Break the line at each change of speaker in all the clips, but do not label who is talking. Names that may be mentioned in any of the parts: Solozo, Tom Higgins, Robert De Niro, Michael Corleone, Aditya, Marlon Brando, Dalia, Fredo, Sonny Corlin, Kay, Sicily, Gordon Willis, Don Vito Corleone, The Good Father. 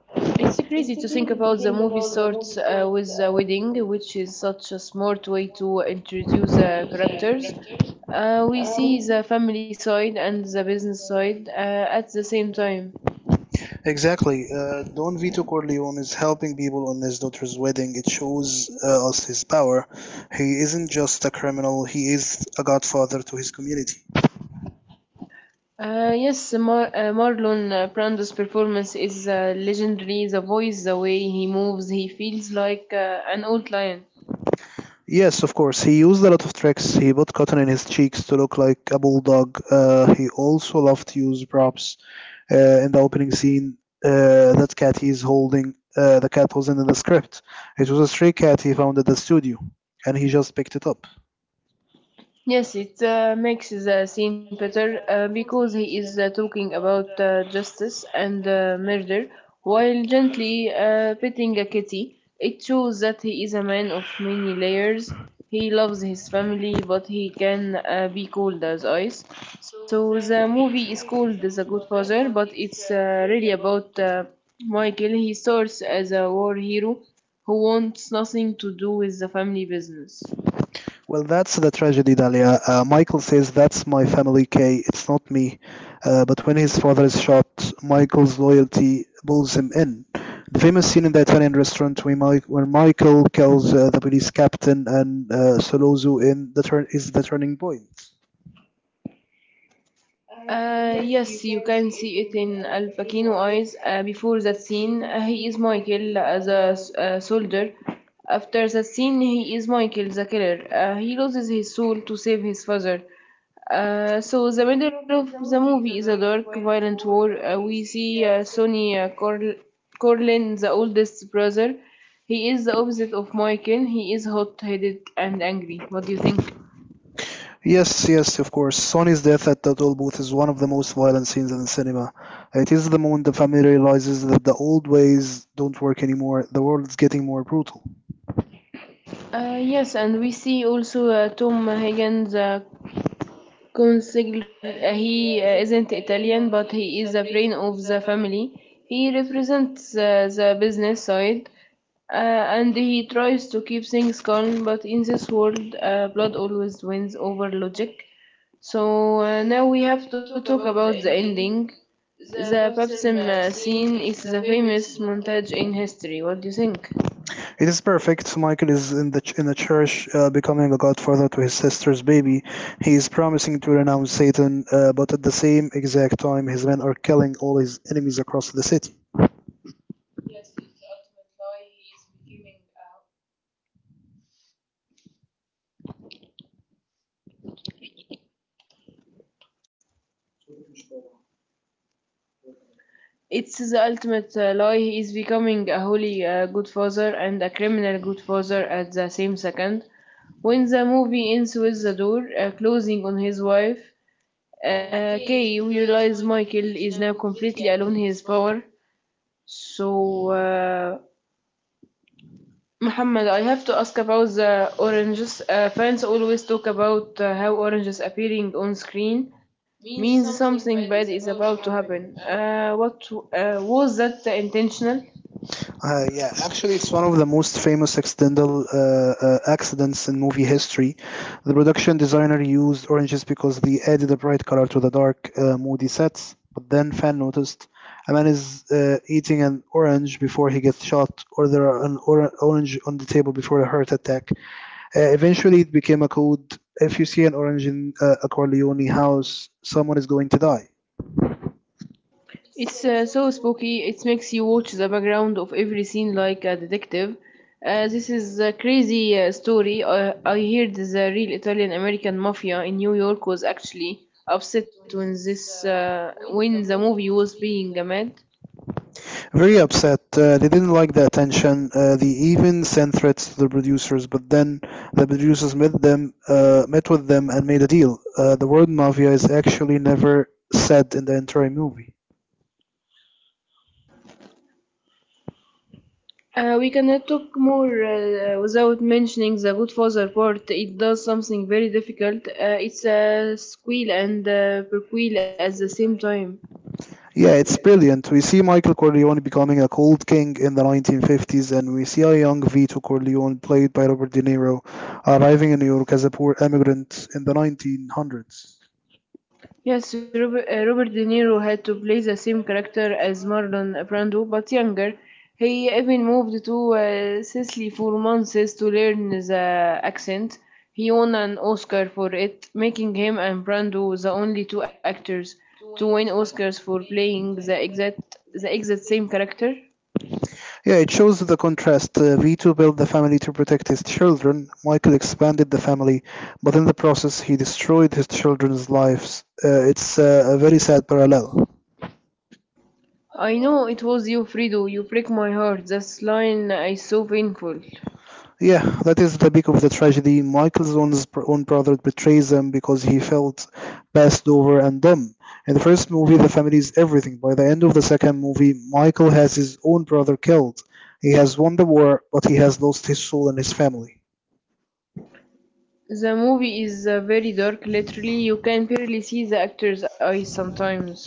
It's crazy to think about the movie starts with a wedding, which is such a smart way to introduce the characters. We see the family side and the business side at the same time.
Exactly. Don Vito Corleone is helping people on his daughter's wedding. It shows us his power. He isn't just a criminal, he is a godfather to his community.
Yes, Marlon Brando's performance is legendary. The voice, the way he moves, he feels like an old lion.
Yes, of course. He used a lot of tricks. He put cotton in his cheeks to look like a bulldog. He also loved to use props. In the opening scene, that cat he's holding, the cat wasn't in the script. It was a stray cat he found at the studio, and he just picked it up.
Yes, it makes the scene better because he is talking about justice and murder while gently petting a kitty. It shows that he is a man of many layers. He loves his family, but he can be cold as ice. So the movie is called The Good Father, but it's really about Michael. He starts as a war hero who wants nothing to do with the family business.
Well, that's the tragedy, Dalia. Michael says, That's my family, Kay. It's not me. But when his father is shot, Michael's loyalty pulls him in. The famous scene in the Italian restaurant where, Michael kills the police captain and Solozo in the turn is the turning point.
Yes, you can see it in Al Pacino's eyes before that scene. He is Michael as a soldier. After that scene, he is Michael the killer. He loses his soul to save his father. So the middle of the movie is a dark, violent war. We see Sonny Corlin, the oldest brother. He is the opposite of Michael. He is hot-headed and angry. What do you think?
Yes, yes, of course. Sonny's death at the toll booth is one of the most violent scenes in cinema. It is the moment the family realizes that the old ways don't work anymore. The world's getting more brutal.
Yes, and we see also Tom Higgins, the consigliere. He isn't Italian, but he is the brain of the family. He represents the business side, and he tries to keep things calm. But in this world, blood always wins over logic. So now we have to talk about the ending. The baptism scene is the famous montage in history. What do you think?
It is perfect. Michael is in the church, becoming a godfather to his sister's baby. He is promising to renounce Satan, but at the same exact time, his men are killing all his enemies across the city.
It's the ultimate lie. He is becoming a holy good father and a criminal good father at the same second. When the movie ends with the door closing on his wife, Kay, we realize Michael is now completely alone in his power. So, Muhammad, I have to ask about the oranges. Fans always talk about how oranges appearing on screen means something bad is about to happen. What was that intentional?
Yeah, actually, it's one of the most famous accidental accidents in movie history. The production designer used oranges because they added a bright color to the dark, moody sets. But then, fan noticed a man is eating an orange before he gets shot, or there are orange on the table before a heart attack. Eventually, it became a code. If you see an orange in a Corleone house, someone is going to die.
It's so spooky. It makes you watch the background of every scene like a detective. This is a crazy story. I heard the real Italian American mafia in New York was actually upset when this when the movie was being made.
Very upset. They didn't like the attention. They even sent threats to the producers, but then the producers met with them, and made a deal. The word mafia is actually never said in the entire movie.
We cannot talk more without mentioning the Good Father part. It does something very difficult. It's a sequel and a prequel at the same time.
Yeah, it's brilliant. We see Michael Corleone becoming a cold king in the 1950s, and we see a young Vito Corleone, played by Robert De Niro, arriving in New York as a poor immigrant in the 1900s.
Yes, Robert De Niro had to play the same character as Marlon Brando, but younger. He even moved to Sicily for months to learn the accent. He won an Oscar for it, making him and Brando the only two actors to win Oscars for playing the exact same character.
Yeah, it shows the contrast. Vito built the family to protect his children. Michael expanded the family, but in the process, he destroyed his children's lives. It's a very sad parallel.
I know it was you, Fredo. You break my heart. That line is so painful.
Yeah, that is the peak of the tragedy. Own brother betrays him because he felt passed over and dumb. In the first movie, the family is everything. By the end of the second movie, Michael has his own brother killed. He has won the war, but he has lost his soul and his family.
The movie is very dark, literally, you can barely see the actor's eyes sometimes.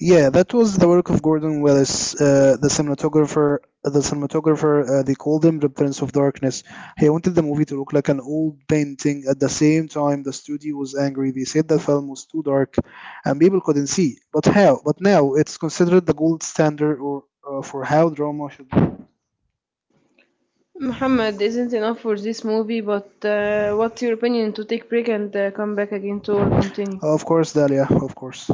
Yeah, that was the work of Gordon Willis, the cinematographer. They called him the Prince of Darkness. He wanted the movie to look like an old painting. At the same time, the studio was angry. They said the film was too dark, and people couldn't see. But how? But now it's considered the gold standard or for how drama should. Be.
Muhammad isn't enough for this movie, but what's your opinion to take break and come back again to continue?
Of course, Dahlia. Of course.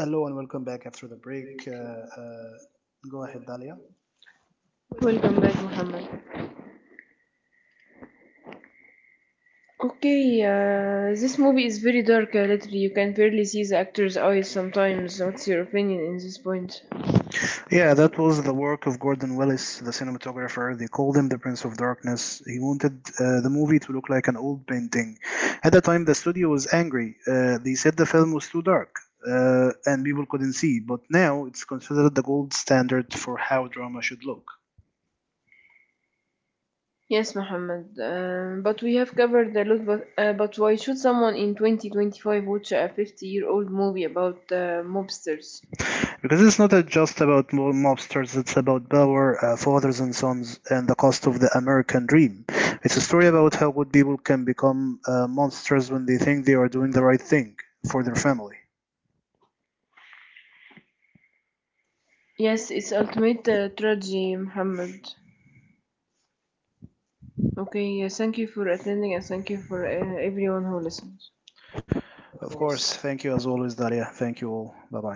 Hello and welcome back after the break. Go ahead, Dalia.
Welcome back, Muhammad. Okay, this movie is very dark, literally, you can barely see the actor's eyes sometimes. What's your opinion in this point?
Yeah, that was the work of Gordon Willis, the cinematographer. They called him the Prince of Darkness. He wanted the movie to look like an old painting. At the time, the studio was angry. They said the film was too dark and people couldn't see. But now it's considered the gold standard for how drama should look.
Yes, Muhammad, but we have covered a lot, but why should someone in 2025 watch a 50-year-old year old movie about mobsters?
Because it's not just about mobsters, it's about power, fathers and sons, and the cost of the American dream. It's a story about how good people can become monsters when they think they are doing the right thing for their family.
Yes, it's ultimate tragedy, Muhammad. Okay, thank you for attending and thank you for everyone who listens.
Of course. Thank you as always, Dalia. Thank you all. Bye bye.